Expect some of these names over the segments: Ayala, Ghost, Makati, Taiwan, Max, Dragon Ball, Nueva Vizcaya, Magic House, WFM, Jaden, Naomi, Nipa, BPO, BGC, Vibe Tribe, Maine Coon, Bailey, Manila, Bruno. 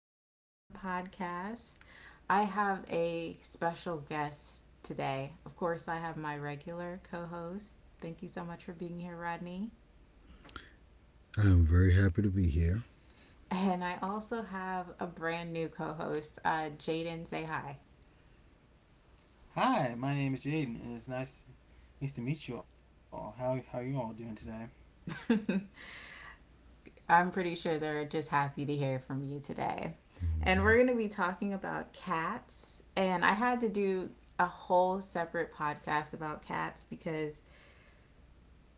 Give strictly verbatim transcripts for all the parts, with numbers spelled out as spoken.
W F M podcast. I have a special guest today. Of course, I have my regular co host. Thank you so much for being here, Rodney. I'm very happy to be here. And I also have a brand new co host, uh, Jaden. Say hi. Hi, my name is Jaden, and it's nice nice to meet you all. How how you all doing today? I'm pretty sure they're just happy to hear from you today. And Mm-hmm. we're going to be talking about cats. And I had to do a whole separate podcast about cats because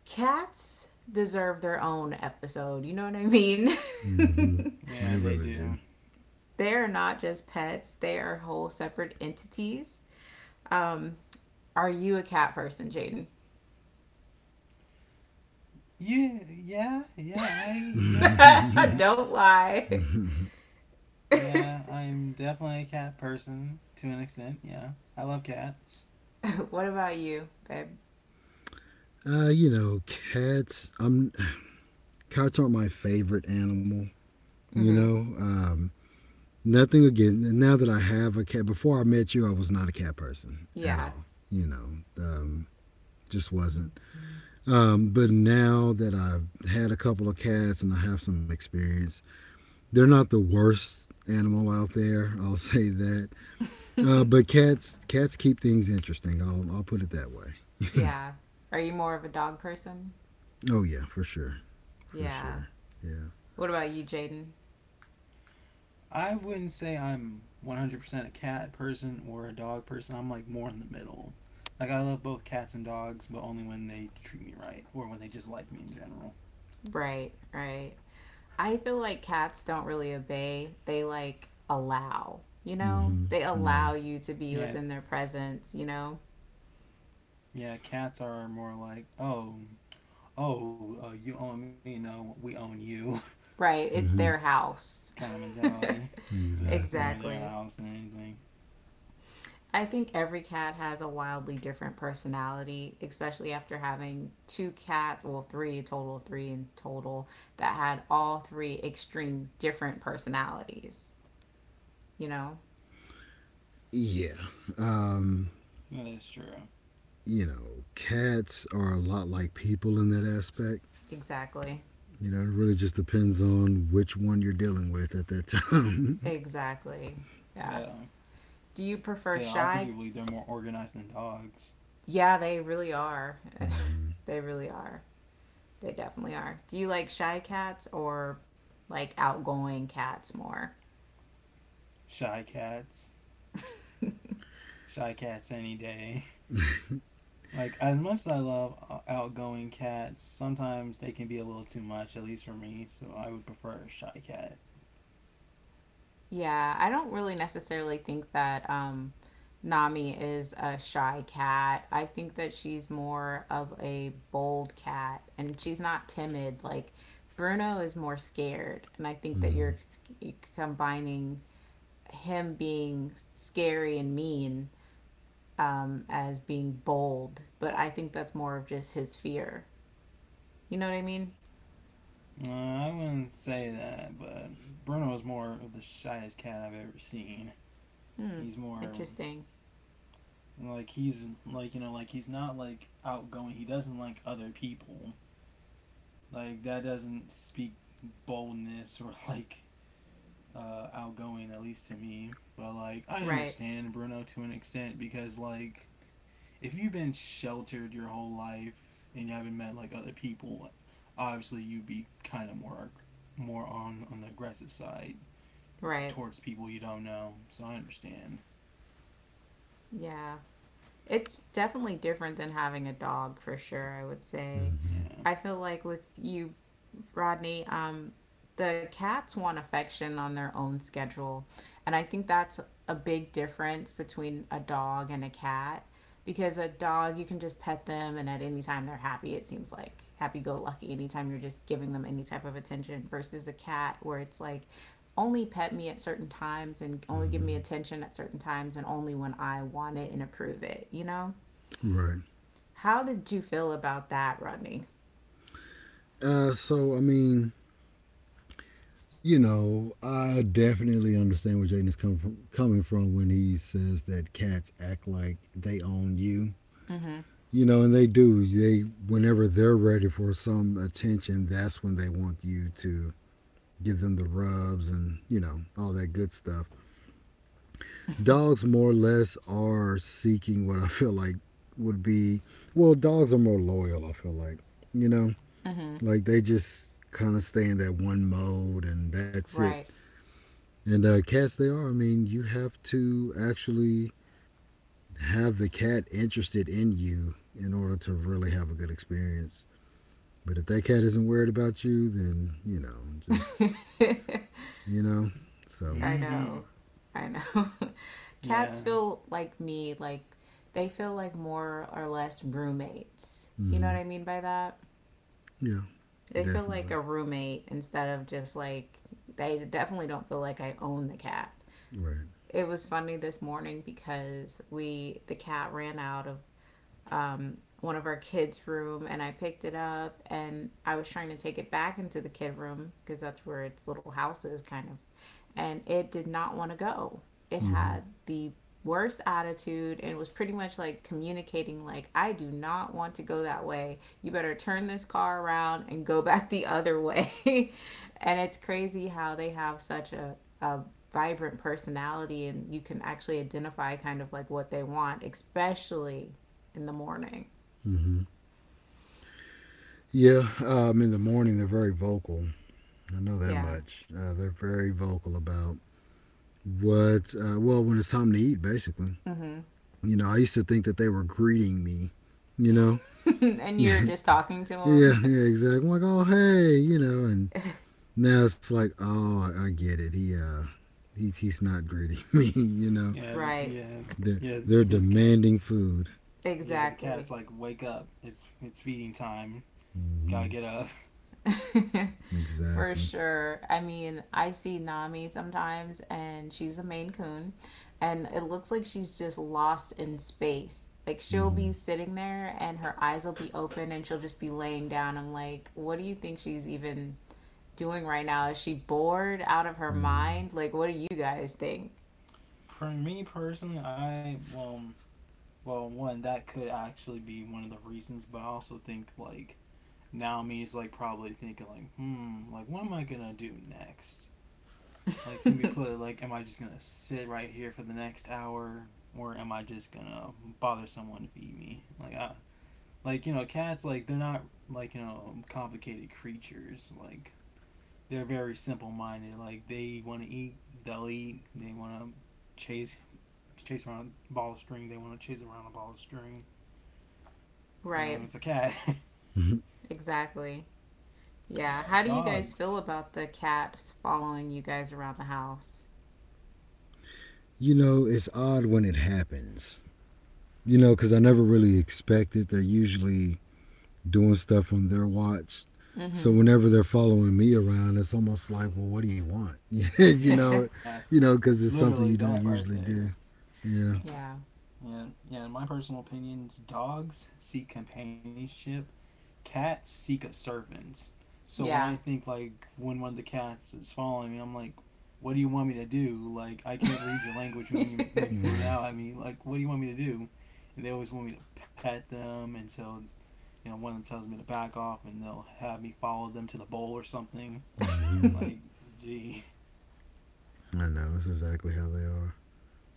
cats deserve their own episode. You know what I mean? Mm-hmm. Yeah, They they really do. do. They're not just pets, they are whole separate entities. Um, are you a cat person, Jaden? Yeah, yeah, yeah. I yeah, yeah, Don't lie. yeah. I am definitely a cat person to an extent. Yeah, I love cats. What about you, babe? Uh, you know, cats. Um, cats aren't my favorite animal. You Mm-hmm. know, um, Nothing again. Now that I have a cat, before I met you, I was not a cat person at Yeah. all. You know, um, just wasn't. Um, but now that I've had a couple of cats and I have some experience, they're not the worst animal out there. I'll say that Uh, but cats cats keep things interesting. I'll I'll put it that way. Yeah. Are you more of a dog person? Oh yeah, for sure, for Yeah. sure. Yeah. What about you, Jaden? I wouldn't say I'm one hundred percent a cat person or a dog person. I'm like more in the middle. Like I love both cats and dogs, but only when they treat me right or when they just like me in general. Right, right. I feel like cats don't really obey. They like allow, you know? hmm They Yeah. allow you to Yeah, be it's, within their presence, you know? yeah. Cats are more like oh oh, uh, you own me, no, we own you Right, it's hmm their kind house. of mentality. Yeah, it's more Exactly. their Exactly. house than anything. I think every cat has a wildly different personality, especially after having two cats, well, three, a total of three in total, that had all three extreme different personalities. You know? Yeah. Yeah, Um. that's true. You know, cats are a lot like people in that aspect. Exactly. You know, it really just depends on which one you're dealing with at that time. Exactly. Yeah. Yeah, Do you yeah, prefer shy? arguably they're more organized than dogs. Yeah, they really are. hmm They really are. They definitely are. Do you like shy cats or like outgoing cats more? Shy cats. Shy cats any day. Like, as much as I love uh, outgoing cats, sometimes they can be a little too much, at least for me, so I would prefer a shy cat. Yeah, I don't really necessarily think that um, Nami is a shy cat. I think that she's more of a bold cat and she's not timid. Like Bruno is more scared. And I think that you're hmm s- combining him being scary and mean um, as being bold, but I think that's more of just his fear. You know what I mean? Uh, I wouldn't say that, but Bruno is more of the shyest cat I've ever seen. Hmm. He's more Interesting. like he's like you know like he's not like outgoing. He doesn't like other people. Like that doesn't speak boldness or like uh, outgoing at least to me. But like I Right. understand Bruno to an extent because like if you've been sheltered your whole life and you haven't met like other people, obviously you'd be kind of more more on on the aggressive side Right. towards people you don't know. So I understand. Yeah. It's definitely different than having a dog, for sure, I would say. hmm Yeah. I feel like with you, Rodney, um, the cats want affection on their own schedule, and I think that's a big difference between a dog and a cat, because a dog you can just pet them and at any time they're happy. It seems like happy go lucky anytime you're just giving them any type of attention, versus a cat where it's like only pet me at certain times and only give me hmm attention at certain times and only when I want it and approve it, you know? Right. How did you feel about that, Rodney? Uh. So I mean, you know, I definitely understand where Jaden is coming from, coming from when he says that cats act like they own you. Mm hmm. You know, and they do. They Whenever they're ready for some attention, that's when they want you to give them the rubs and, you know, all that good stuff. Dogs more or less are seeking what I feel like would be well, dogs are more loyal, I feel like. You know, Mm hmm. like they just kind of stay in that one mode and that's it. Right. And uh, cats, they are. I mean, you have to actually have the cat interested in you in order to really have a good experience. But if that cat isn't worried about you, then, you know, just, you know, so, I know. Mm-hmm. I know. Cats Yeah. feel like me, like they feel like more or less roommates. You know what mm-hmm. I mean by that? Yeah, They feel like definitely. a roommate instead of just like, they definitely don't feel like I own the cat. Right. It was funny this morning because we the cat ran out of um, one of our kids' room, and I picked it up, and I was trying to take it back into the kid room because that's where its little house is, kind of, and it did not want to go. It Mm-hmm. had the worst attitude and was pretty much like communicating like I do not want to go that way. You better turn this car around and go back the other way. And it's crazy how they have such a, a vibrant personality and you can actually identify kind of like what they want, especially in the morning. Mm-hmm. Yeah, um, in the morning, they're very vocal. I know that Yeah. much. Uh, they're very vocal about what, uh, well, when it's time to eat, basically. Mm-hmm. You know, I used to think that they were greeting me, you know? And you're just talking to Yeah, him. yeah, exactly. I'm like, oh hey, you know, and now it's like, oh, I get it. He uh he, he's not greeting me, you know. Yeah, Right. yeah, They're yeah, they're yeah. The cat. demanding food. Yeah, the Exactly. cat's like, wake up. It's it's feeding time. Gotta Hmm get up. For Exactly. sure. I mean, I see Nami sometimes, and she's a Maine Coon, and it looks like she's just lost in space. Like she'll be hmm sitting there, and her eyes will be open, and she'll just be laying down. I'm like, what do you think she's even doing right now? Is she bored out of her hmm mind? Like, what do you guys think? For me personally, I well, well, one that could actually be one of the reasons, but I also think like now me is like probably thinking like, hmm, like what am I gonna do next? Like simply put, like am I just gonna sit right here for the next hour, or am I just gonna bother someone to feed me? Like I, like you know, cats like they're not like you know complicated creatures. Like they're very simple minded. Like they want to eat, they'll eat. They want to chase chase around a ball of string. They want to chase around a ball of string. You know, Right. it's a cat. Exactly. Yeah. yeah, How do you guys feel dogs. about the cats following you guys around the house? You know, it's odd when it happens. You know, because I never really expect it. They're usually doing stuff on their watch. So Mm-hmm. whenever they're following me around, it's almost like, well, what do you want? you know, Yeah, you know, because it's literally something you that don't right usually there. do. Yeah, Yeah, Yeah. yeah, yeah. In my personal opinions, dogs seek companionship, cats seek a servant. So when I Yeah. think like when one of the cats is following me, I'm like, what do you want me to do? Like I can't read your language when you when you, when you right. meow at me. Like what do you want me to do? And they always want me to pet them until you know one of them tells me to back off, and they'll have me follow them to the bowl or something. hmm Like gee, I know. That's exactly how they are.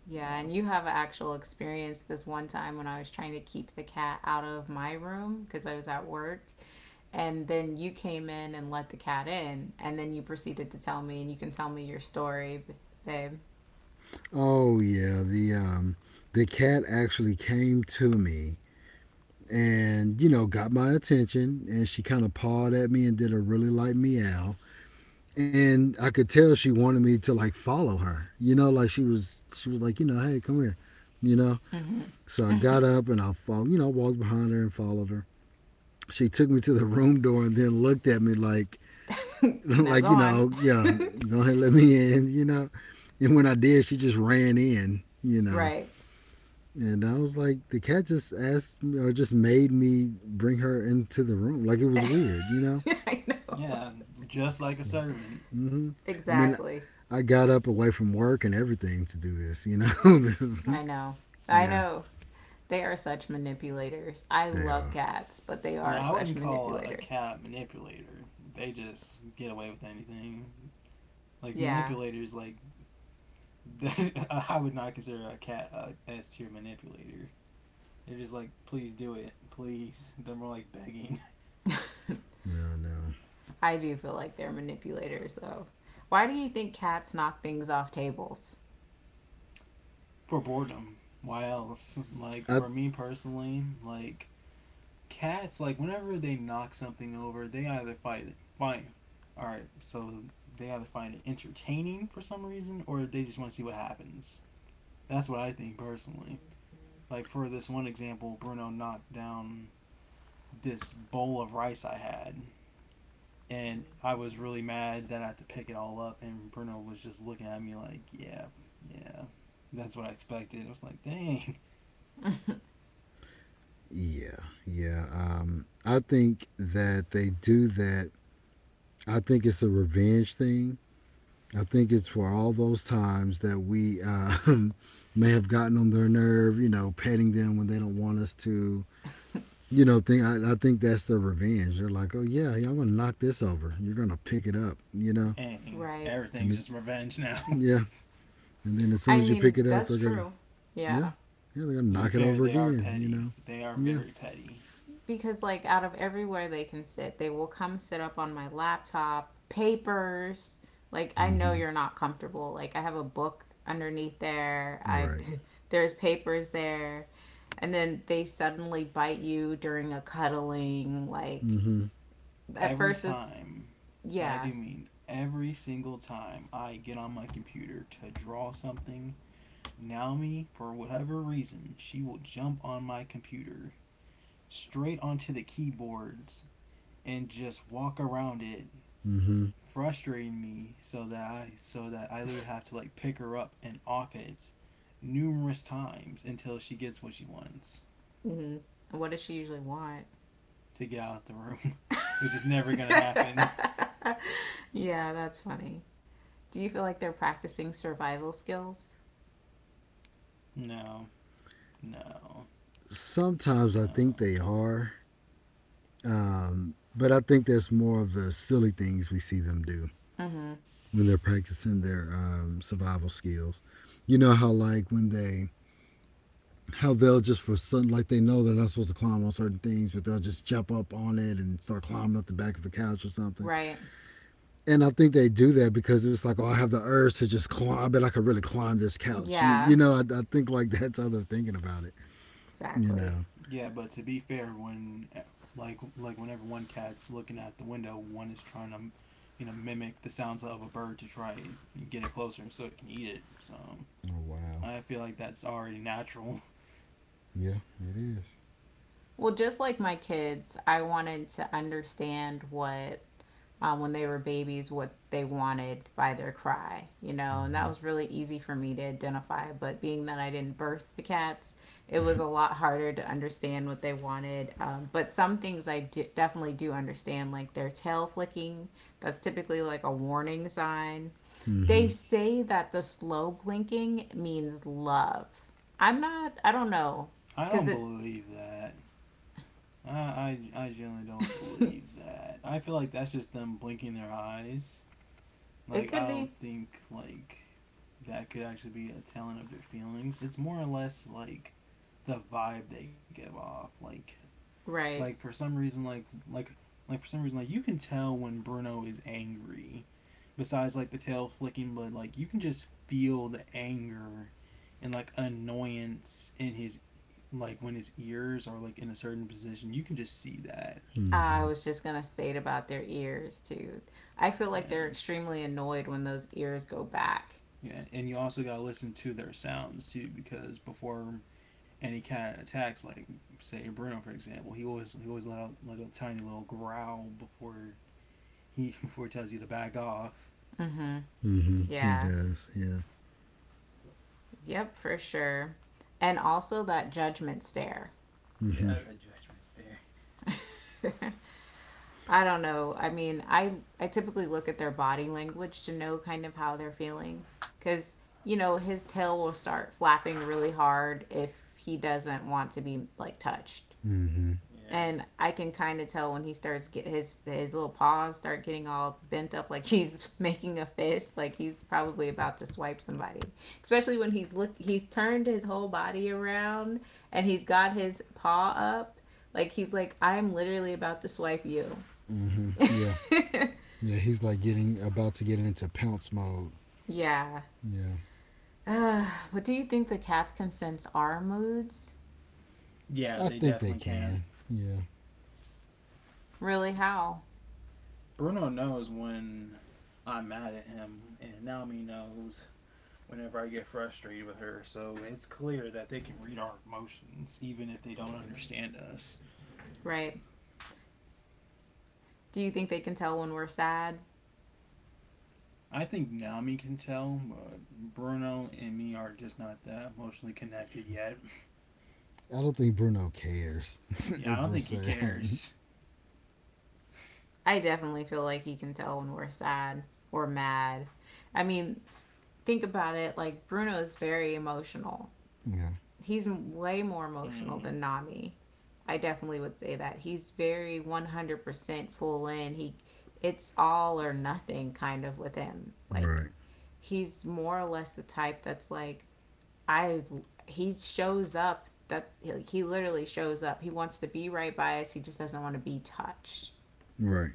Yeah, and yeah, you have an actual experience this one time when I was trying to keep the cat out of my room because I was at work. And then you came in and let the cat in. And then you proceeded to tell me, and you can tell me your story, babe. Oh yeah, the um, the cat actually came to me and you know got my attention, and she kind of pawed at me and did a really light meow, and I could tell she wanted me to like follow her. You know, like she was she was like you know hey come here, you know. Mm-hmm. So I got up and I fo- you know walked behind her and followed her. She took me to the room door and then looked at me like Now go like you on. know, yeah, go ahead, let me in, you know. And when I did, she just ran in, you know. Right. And I was like, the cat just asked me or just made me bring her into the room. Like it was weird, you know. I know. yeah, just like a servant. Hmm I mean, Exactly. I got up away from work and everything to do this, you know. this is, I know. I yeah, know. They are such manipulators. I they love are. cats, but they are I such wouldn't call a, a manipulators. cat a manipulator. They just get away with anything. Like Yeah. manipulators, like I would not consider a cat a S tier manipulator. They're just like, please do it, please. They're more like begging. No, no. I do feel like they're manipulators, though. Why do you think cats knock things off tables? For boredom. Why else? Like I for me personally, like cats, like whenever they knock something over, they either find it, find, all right, so they either find it entertaining for some reason, or they just want to see what happens. That's what I think personally. Like for this one example, Bruno knocked down this bowl of rice I had, and I was really mad that I had to pick it all up. And Bruno was just looking at me like, "Yeah, yeah, that's what I expected." I was like, "Dang, Yeah, yeah. Um, I think that they do that. I think it's a revenge thing. I think it's for all those times that we uh, may have gotten on their nerve, you know, petting them when they don't want us to, you know, think I, I think that's their revenge. They're like, oh yeah, yeah, I'm gonna knock this over. You're gonna pick it up, you know, dang, Right. and everything's it, just revenge now." yeah, and then as soon I as you pick mean, it up, that's they're gonna true. yeah, Yeah. yeah, they're gonna To be knock it fair, over they are again, you petty. know, They are yeah, very petty. Because like out of everywhere they can sit, they will come sit up on my laptop papers. Like, I mm-hmm. know you're not comfortable. Like, I have a book underneath there. I Right, There's papers there. And then they suddenly bite you during a cuddling. Like mm-hmm, at Every first it's, time, and I yeah. do mean every single time I get on my computer to draw something, Naomi, for whatever reason, she will jump on my computer straight onto the keyboards and just walk around it mm-hmm. frustrating me so that I so that I literally have to like pick her up and off it numerous times until she gets what she wants, Mm-hmm. What does she usually want? to get out of the room, which is never gonna happen. Yeah, that's funny. Do you feel like they're practicing survival skills? no, no, Sometimes I no. think they are, um, but I think that's more of the silly things we see them do Mm-hmm. when they're practicing their um, survival skills. You know how like when they how they'll just for some like they know they're not supposed to climb on certain things, but they'll just jump up on it and start climbing up the back of the couch or something. Right. And I think they do that because it's like, oh, I have the urge to just climb. I bet I could really climb this couch. You, yeah. You know, I, I think like that's how they're thinking about it. You Exactly. know. Yeah, but to be fair, when like like whenever one cat's looking at the window, one is trying to you know mimic the sounds of a bird to try and get it closer so it can eat it. So Oh wow. I feel like that's already natural. Yeah, it is. Well, just like my kids, I wanted to understand what, um, when they were babies, what they wanted by their cry, you know, and that Mm-hmm. was really easy for me to identify. But being that I didn't birth the cats, it was a lot harder to understand what they wanted. Um, but some things I d- definitely do understand, like their tail flicking. That's typically like a warning sign. Mm-hmm. They say that the slow blinking means love. I'm not, I don't know, I because don't it believe that. I, I, I generally don't believe that. I feel like that's just them blinking their eyes. it Like I could don't be. think like that could actually be a telling of their feelings. It's more or less like the vibe they give off. Like like Right. for some reason like like like for some reason like you can tell when Bruno is angry. Besides like the tail flicking, but like you can just feel the anger and like annoyance in his, like when his ears are like in a certain position. You can just see that. I Mm-hmm. was just going to state about their ears, too. I feel like they're Yeah. extremely annoyed when those ears go back. Yeah. And you also got to listen to their sounds too, because before any cat attacks, like say Bruno for example, he always he always let out like a tiny little growl before he before he tells you to back off. Hmm. Mm-hmm. He Yeah. does. Yeah. Yep, for sure. And also that judgment stare. Mm-hmm. Yeah, that judgment stare. I don't know. I mean, I I typically look at their body language to know kind of how they're feeling, cuz you know, his tail will start flapping really hard if he doesn't want to be like touched. Mm-hmm. And I can kind of tell when he starts get his his little paws start getting all bent up, like he's making a fist, like he's probably about to swipe somebody. Especially when he's look, he's turned his whole body around and he's got his paw up, like he's like, I'm literally about to swipe you. Mm-hmm. Yeah. Yeah, he's like getting about to get into pounce mode. Yeah. Yeah, Uh, what do you think the cats can sense our moods? Yeah, I they think they definitely can. can. Yeah, Really, how? Bruno knows when I'm mad at him, and Naomi knows whenever I get frustrated with her. So it's clear that they can read our emotions, even if they don't understand us. Right? Do you think they can tell when we're sad? I think Nami can tell, but Bruno and me are just not that emotionally connected yet. I don't think Bruno cares Yeah, I if don't we're think he sad. cares. I definitely feel like he can tell when we're sad or mad. I mean, think about it. Like, Bruno is very emotional. Yeah. He's way more emotional Mm. than Nami. I definitely would say that. He's very one hundred percent full in. He, it's all or nothing kind of with him. Like, Right. he's more or less the type that's like, I, he shows up that he literally shows up. He wants to be right by us. He just doesn't want to be touched, Right.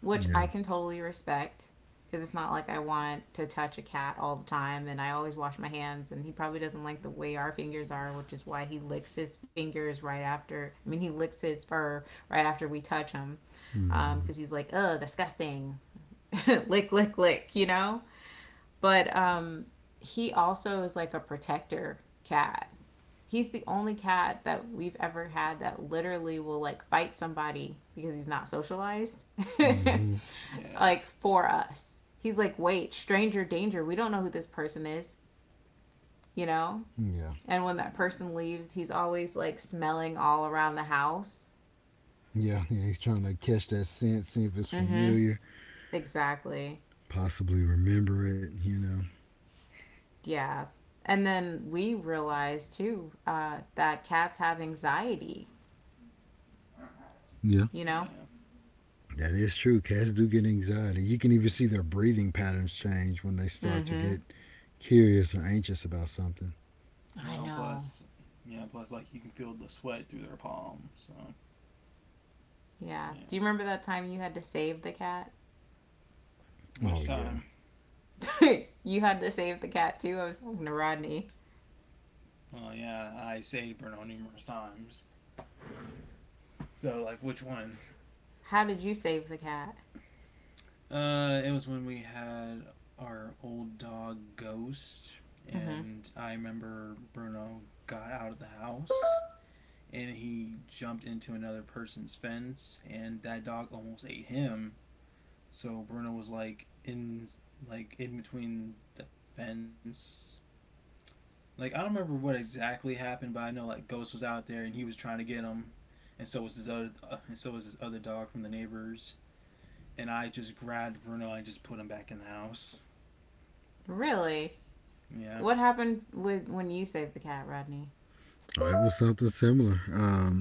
which Yeah. I can totally respect, because it's not like I want to touch a cat all the time and I always wash my hands and he probably doesn't like the way our fingers are, which is why he licks his fingers right after. I mean, he licks his fur right after we touch him, mm um, Mhm. because um, he's like, "Ugh, disgusting, lick, lick, lick," you know. But um, he also is like a protector cat. He's the only cat that we've ever had that literally will like fight somebody because he's not socialized. mm Mhm. Yeah, Like for us. He's like, wait, stranger danger. We don't know who this person is, you know? Yeah. And when that yeah, person leaves, he's always like smelling all around the house. Yeah. Yeah. He's trying to catch that scent, see if it's Mm-hmm. familiar, Exactly. possibly remember it. You know. Yeah. And then we realized too, uh, that cats have anxiety, Yeah. you know? yeah. That is true. Cats do get anxiety. You can even see their breathing patterns change when they start to Mm-hmm. get curious or anxious about something. You I know, know. plus, yeah, plus, like, you can feel the sweat through their palm, so, Yeah. yeah. Do you remember that time you had to save the cat? Which Oh yeah. time? You had to save the cat too. I was talking to Rodney. Oh, yeah, I saved Bruno numerous times. So, like, which one? How did you save the cat? Uh, it was when we had our old dog Ghost, Mm-hmm. and I remember Bruno got out of the house and he jumped into another person's fence and that dog almost ate him. So Bruno was like in like in between the fence. Like I don't remember what exactly happened, but I know like Ghost was out there and he was trying to get him, and so was his other uh, and so was his other dog from the neighbors. And I just grabbed Bruno and just put him back in the house. Really? Yeah, What happened with when you saved the cat, Rodney? It was something similar. Um,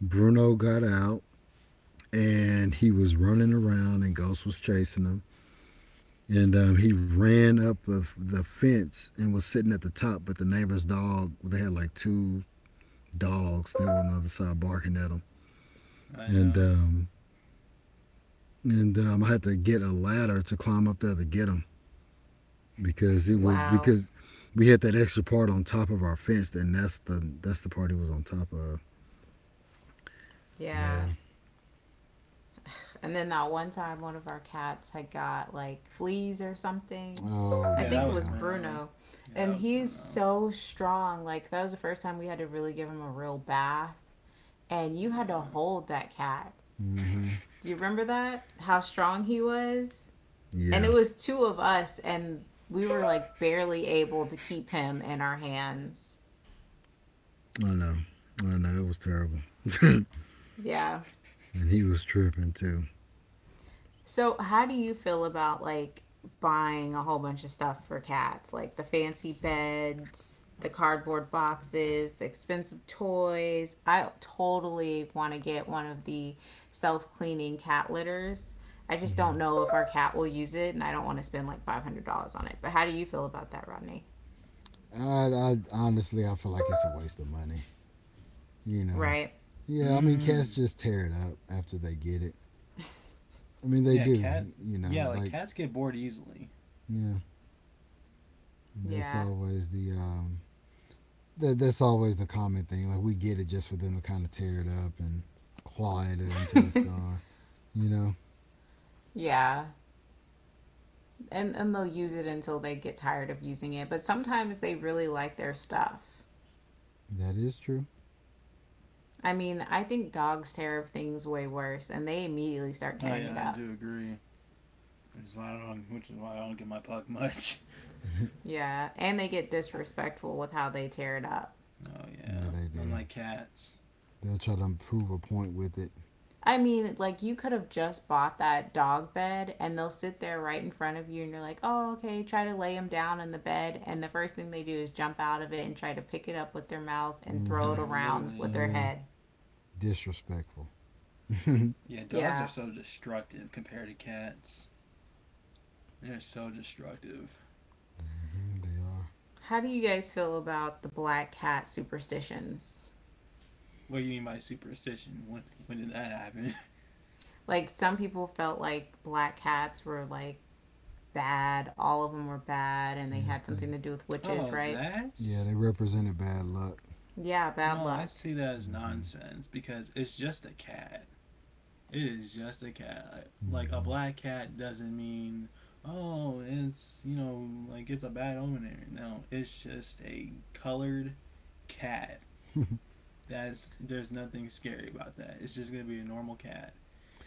Bruno got out and he was running around and Ghost was chasing him. And um, he ran up of the fence and was sitting at the top, but the neighbor's dog, they had like two dogs. They were on the other side barking at him. I And know. um, and um, I had to get a ladder to climb up there to get him because it was Wow. because we had that extra part on top of our fence, and that's the that's the part he was on top of. Yeah. Yeah. And then that one time, one of our cats had got like fleas or something. Oh I Yeah, think it that was was yeah. Bruno. Bruno. Yeah, And that was he's Bruno. so strong. Like, that was the first time we had to really give him a real bath. And you had to Yeah. hold that cat. mm hmm Do you remember that? How strong he was? And Yeah. it was two of us, and we were like barely able to keep him in our hands. I know. I know. It was terrible. And Yeah. he was tripping too. So, how do you feel about like buying a whole bunch of stuff for cats, like the fancy beds, the cardboard boxes, the expensive toys? I totally want to get one of the self-cleaning cat litters. I just Mm-hmm. don't know if our cat will use it, and I don't want to spend like five hundred dollars on it. But how do you feel about that, Rodney? I, I honestly, I feel like it's a waste of money. You know. Right? Yeah, I mean, cats Mm-hmm. just tear it up after they get it. I mean, they Yeah, do. cats. You know, Yeah, like like cats get bored easily. yeah, that's Yeah. always the um, that that's always the common thing. Like we get it just for them to kind of tear it up and claw at it until it's gone. You know, Yeah, and and they'll use it until they get tired of using it, but sometimes they really like their stuff. that is true. I mean, I think dogs tear up things way worse and they immediately start Oh tearing yeah, it I up. do agree. Which is why I don't. Which is why I don't get my puck much. Yeah, and they get disrespectful with how they tear it up. Oh Yeah, yeah, they do. unlike cats. They'll try to prove a point with it. I mean, like you could have just bought that dog bed and they'll sit there right in front of you and you're like, "Oh, okay, try to lay them down in the bed." And the first thing they do is jump out of it and try to pick it up with their mouths and throw And Mm-hmm. it then around with literally, their Yeah, head. disrespectful. yeah, dogs are so Yeah. destructive compared to cats. They're so destructive. Mm, they are. How do you guys feel about the black cat superstitions? What do you mean by superstition? When when did that happen? Like some people felt like black cats were like bad. All of them were bad, and they Yeah, had they, something to do with Oh, witches, right? that. yeah, they represented bad luck. Yeah, Well, bad I luck. see that as Hmm nonsense because it's just a cat. It is just a cat. Like a hmm black cat doesn't mean oh it's you know like it's a bad omen. There. No, it's just a colored cat. That's, there's nothing scary about that. It's just gonna be a normal cat.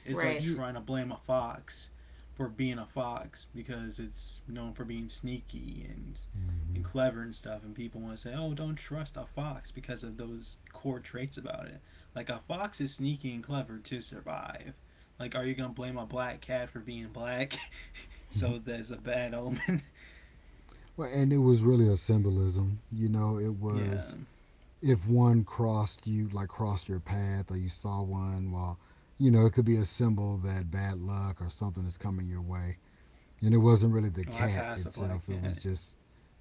It's like Right. Yeah. trying to blame a fox for being a fox because it's known for being sneaky and hmm and clever and stuff and people want to say oh don't trust a fox because of those core traits about it, like a fox is sneaky and clever to survive, like are you gonna blame a black cat for being black so that's a bad omen. Well, and it was really a symbolism. You know, it was Yeah, if one crossed you, like crossed your path, or you saw one, well, you know, it could be a symbol that bad luck or something is coming your way. And it wasn't well really I the pass a cat black itself. cat. It was just,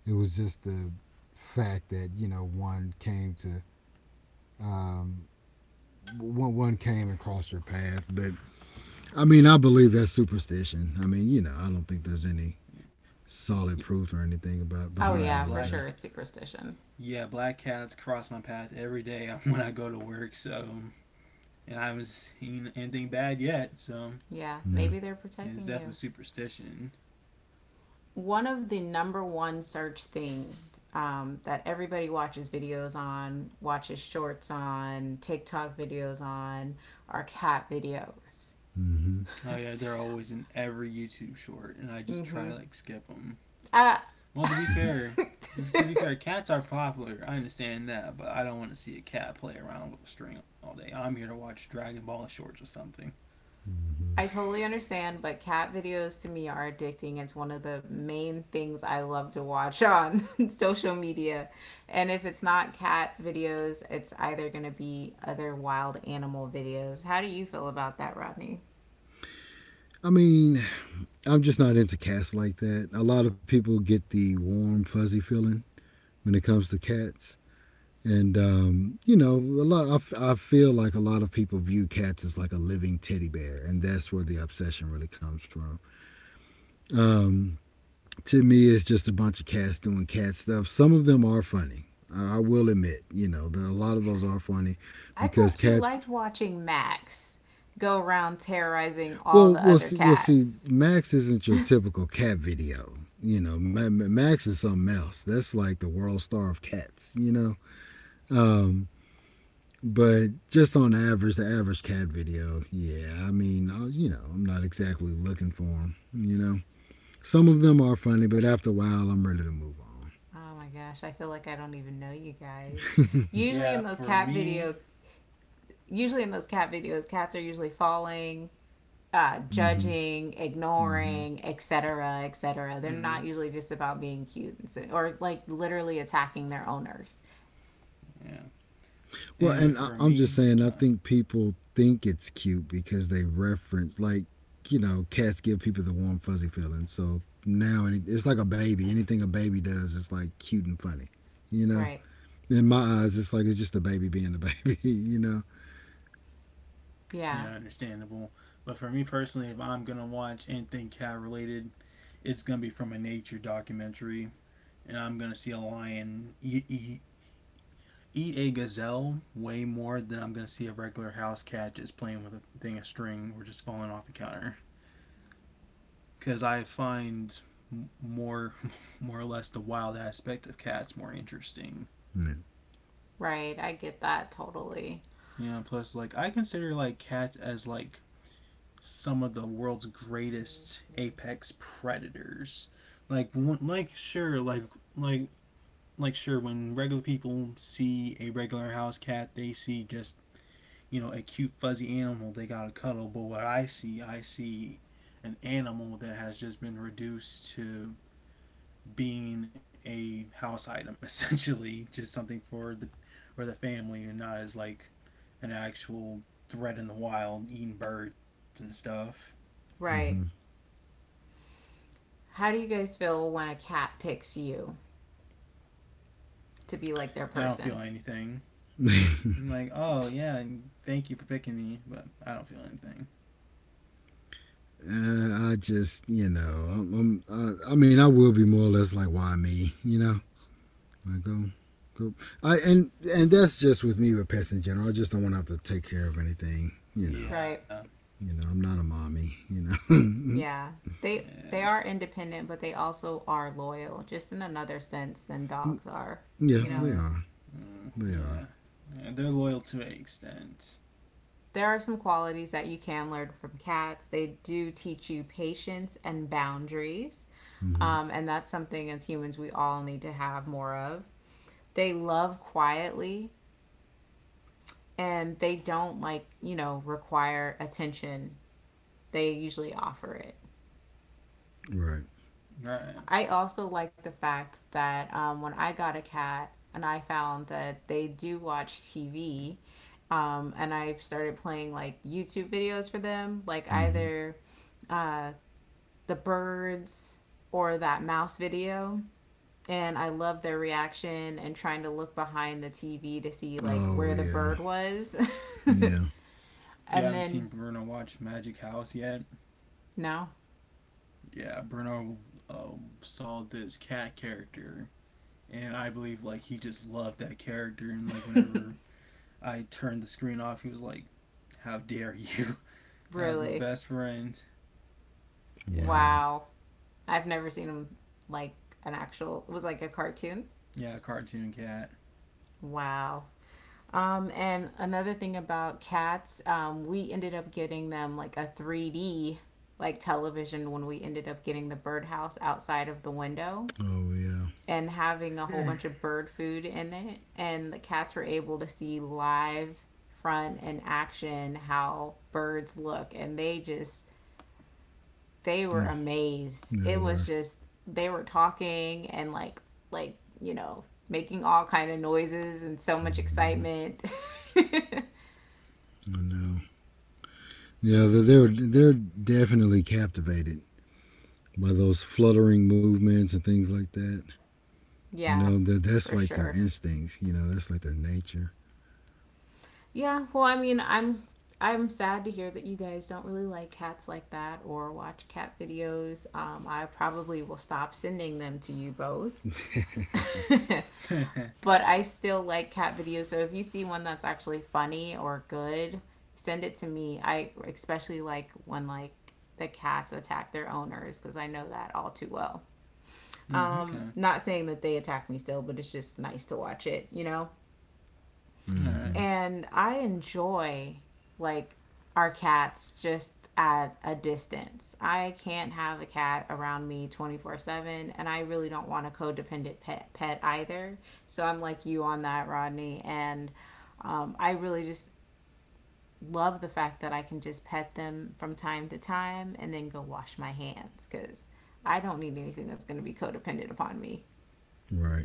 It was just the fact that you know one came to um, one one came and crossed your path, but I mean, I believe that's superstition. I mean, you know, I don't think there's any solid proof or anything about Oh, behind Yeah, yeah, all of for black that. sure. It's cat. superstition. Yeah, black cats cross my path every day when I go to work, so and I haven't seen anything bad yet. So Yeah, Yeah. maybe they're yeah, it's definitely protecting you. superstition. One of the number one search thing, um, that everybody watches videos on, watches shorts on, TikTok videos on, are cat videos. Mm-hmm. Oh yeah, they're always in every YouTube short, and I just try mm-hmm. to like skip them. Uh, Well, to be fair, to, be fair, cats are popular. I understand that, but I don't want to see a cat play around with a string all day. I'm here to watch Dragon Ball shorts or something. mm-hmm. I totally understand, but cat videos to me are addicting. It's one of the main things I love to watch on social media. And if it's not cat videos, it's either going to be other wild animal videos. How do you feel about that, Rodney? I mean, I'm just not into cats like that. A lot of people get the warm, fuzzy feeling when it comes to cats. And um, you know, a lot. I I feel like a lot of people view cats as like a living teddy bear, and that's where the obsession really comes from. Um, to me it's just a bunch of cats doing cat stuff. Some of them are funny. I will admit, you know, there, a lot of those are funny I because thought you cats. liked watching Max go around terrorizing all Well, the we'll other see. We'll see. cats. Max isn't your typical cat video. You know, Max is something else. That's like the world star of cats. You know, um, but just on average, the average cat video. Yeah, I mean, I, you know, I'm not exactly looking for them. You know, some of them are funny, but after a while, I'm ready to move on. Oh my gosh, I feel like I don't even know you guys. Usually in Yeah, those for cat video, me, usually in those cat videos, cats are usually falling, uh, hmm judging, hmm ignoring, et cetera, et cetera. They're not mm-hmm, usually just about being cute and or like literally attacking their owners. yeah. Well, and Anyway, I, for I'm just me, saying, I uh, think people think it's cute because they reference, like, you know, cats give people the warm, fuzzy feeling. So now it, it's like a baby. Anything a baby does is like cute and funny, you know? Right. In my eyes, it's like it's just a baby being a baby, you know? yeah, Yeah. understandable. But for me personally, if I'm gonna watch anything cat related, it's gonna be from a nature documentary. And I'm gonna see a lion eat, eat, eat a gazelle way more than I'm gonna see a regular house cat just playing with a thing of string or just falling off a counter. Because I find more more or less the wild aspect of cats more interesting. Right. I get that totally. You know, plus like I consider like cats as like some of the world's greatest apex predators. Like when, like sure like like like sure when regular people see a regular house cat they see just you know, a cute fuzzy animal they gotta cuddle. But what I see, I see an animal that has just been reduced to being a house item essentially, just something for the or the family and not as like an actual threat in the wild eating birds and stuff. Right. Mm-hmm. How do you guys feel when a cat picks you to be like their I don't feel person? anything. I'm like, oh yeah, thank you for picking me, but I don't feel anything. uh, I just, you know, I'm, I'm, I, I mean, I will be more or less like, why me, you know? I go, go. I, and, and that's just with me with pets in general. I just don't want to have to take care of anything, you know? Right. Yeah, You know, I'm not a mommy. You Yeah. They they yeah, are independent, but they also are loyal, just in another sense than know, dogs are. yeah, You know. they mm, are. mm, They are. yeah. Yeah. They're loyal to an extent, There are some qualities that you can learn from cats. They do teach you patience and boundaries. Hmm Um, and that's something as humans we all need to have more of. They love quietly and they don't, like, you know, require attention. They usually offer it. Right. right? I also like the fact that um, when I got a cat and I found that they do watch T V, um, and I started playing like YouTube videos for them, like hmm either uh, the birds or that mouse video, and I love their reaction and trying to look behind the T V to see like Oh where the yeah. bird was. Yeah. You and haven't seen then Bruno watch Magic House yet? no, Yeah, Bruno um, saw this cat character, and I believe like he just loved that character. And like whenever I turned the screen off, he was like, "How dare you?" That was my really. best friend. Yeah, Wow. Wow. I've never seen them like an actual, it was like a cartoon. yeah, cartoon cat. Wow. Um, and another thing about cats, um, we ended up getting them like a three D like television when we ended up getting the birdhouse outside of the window, Oh yeah. and having a whole bunch of bird food in it. And the cats were able to see live front and action how birds look. And they just, they were Mm, amazed. they It was were. just, they were talking and like, like, you know, making all kind of noises and so much Hmm excitement. I know. Yeah, they're, they're definitely captivated by those fluttering movements and things like that. You yeah, know, that that's for like their sure. instincts. You know, that's like their nature. Yeah, well, I mean, I'm I'm sad to hear that you guys don't really like cats like that or watch cat videos. Um, I probably will stop sending them to you both. but I still like cat videos, so if you see one that's actually funny or good, send it to me. I especially like when like the cats attack their owners because I know that all too well. Mm, Um, okay, Not saying that they attack me still, but it's just nice to watch it, you know? all right, Hmm And I enjoy like our cats just at a distance. I can't have a cat around me twenty-four seven and I really don't want a codependent pet pet either. So I'm like you on that, Rodney, and um, I really just love the fact that I can just pet them from time to time and then go wash my hands cuz I don't need anything that's going to be codependent upon me. Right.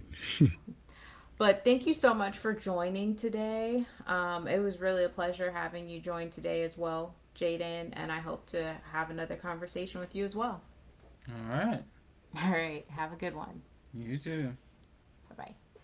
But thank you so much for joining today. Um, it was really a pleasure having you join today as well, Jaden, and I hope to have another conversation with you as well. all right. All right, have a good one. You too. Bye bye.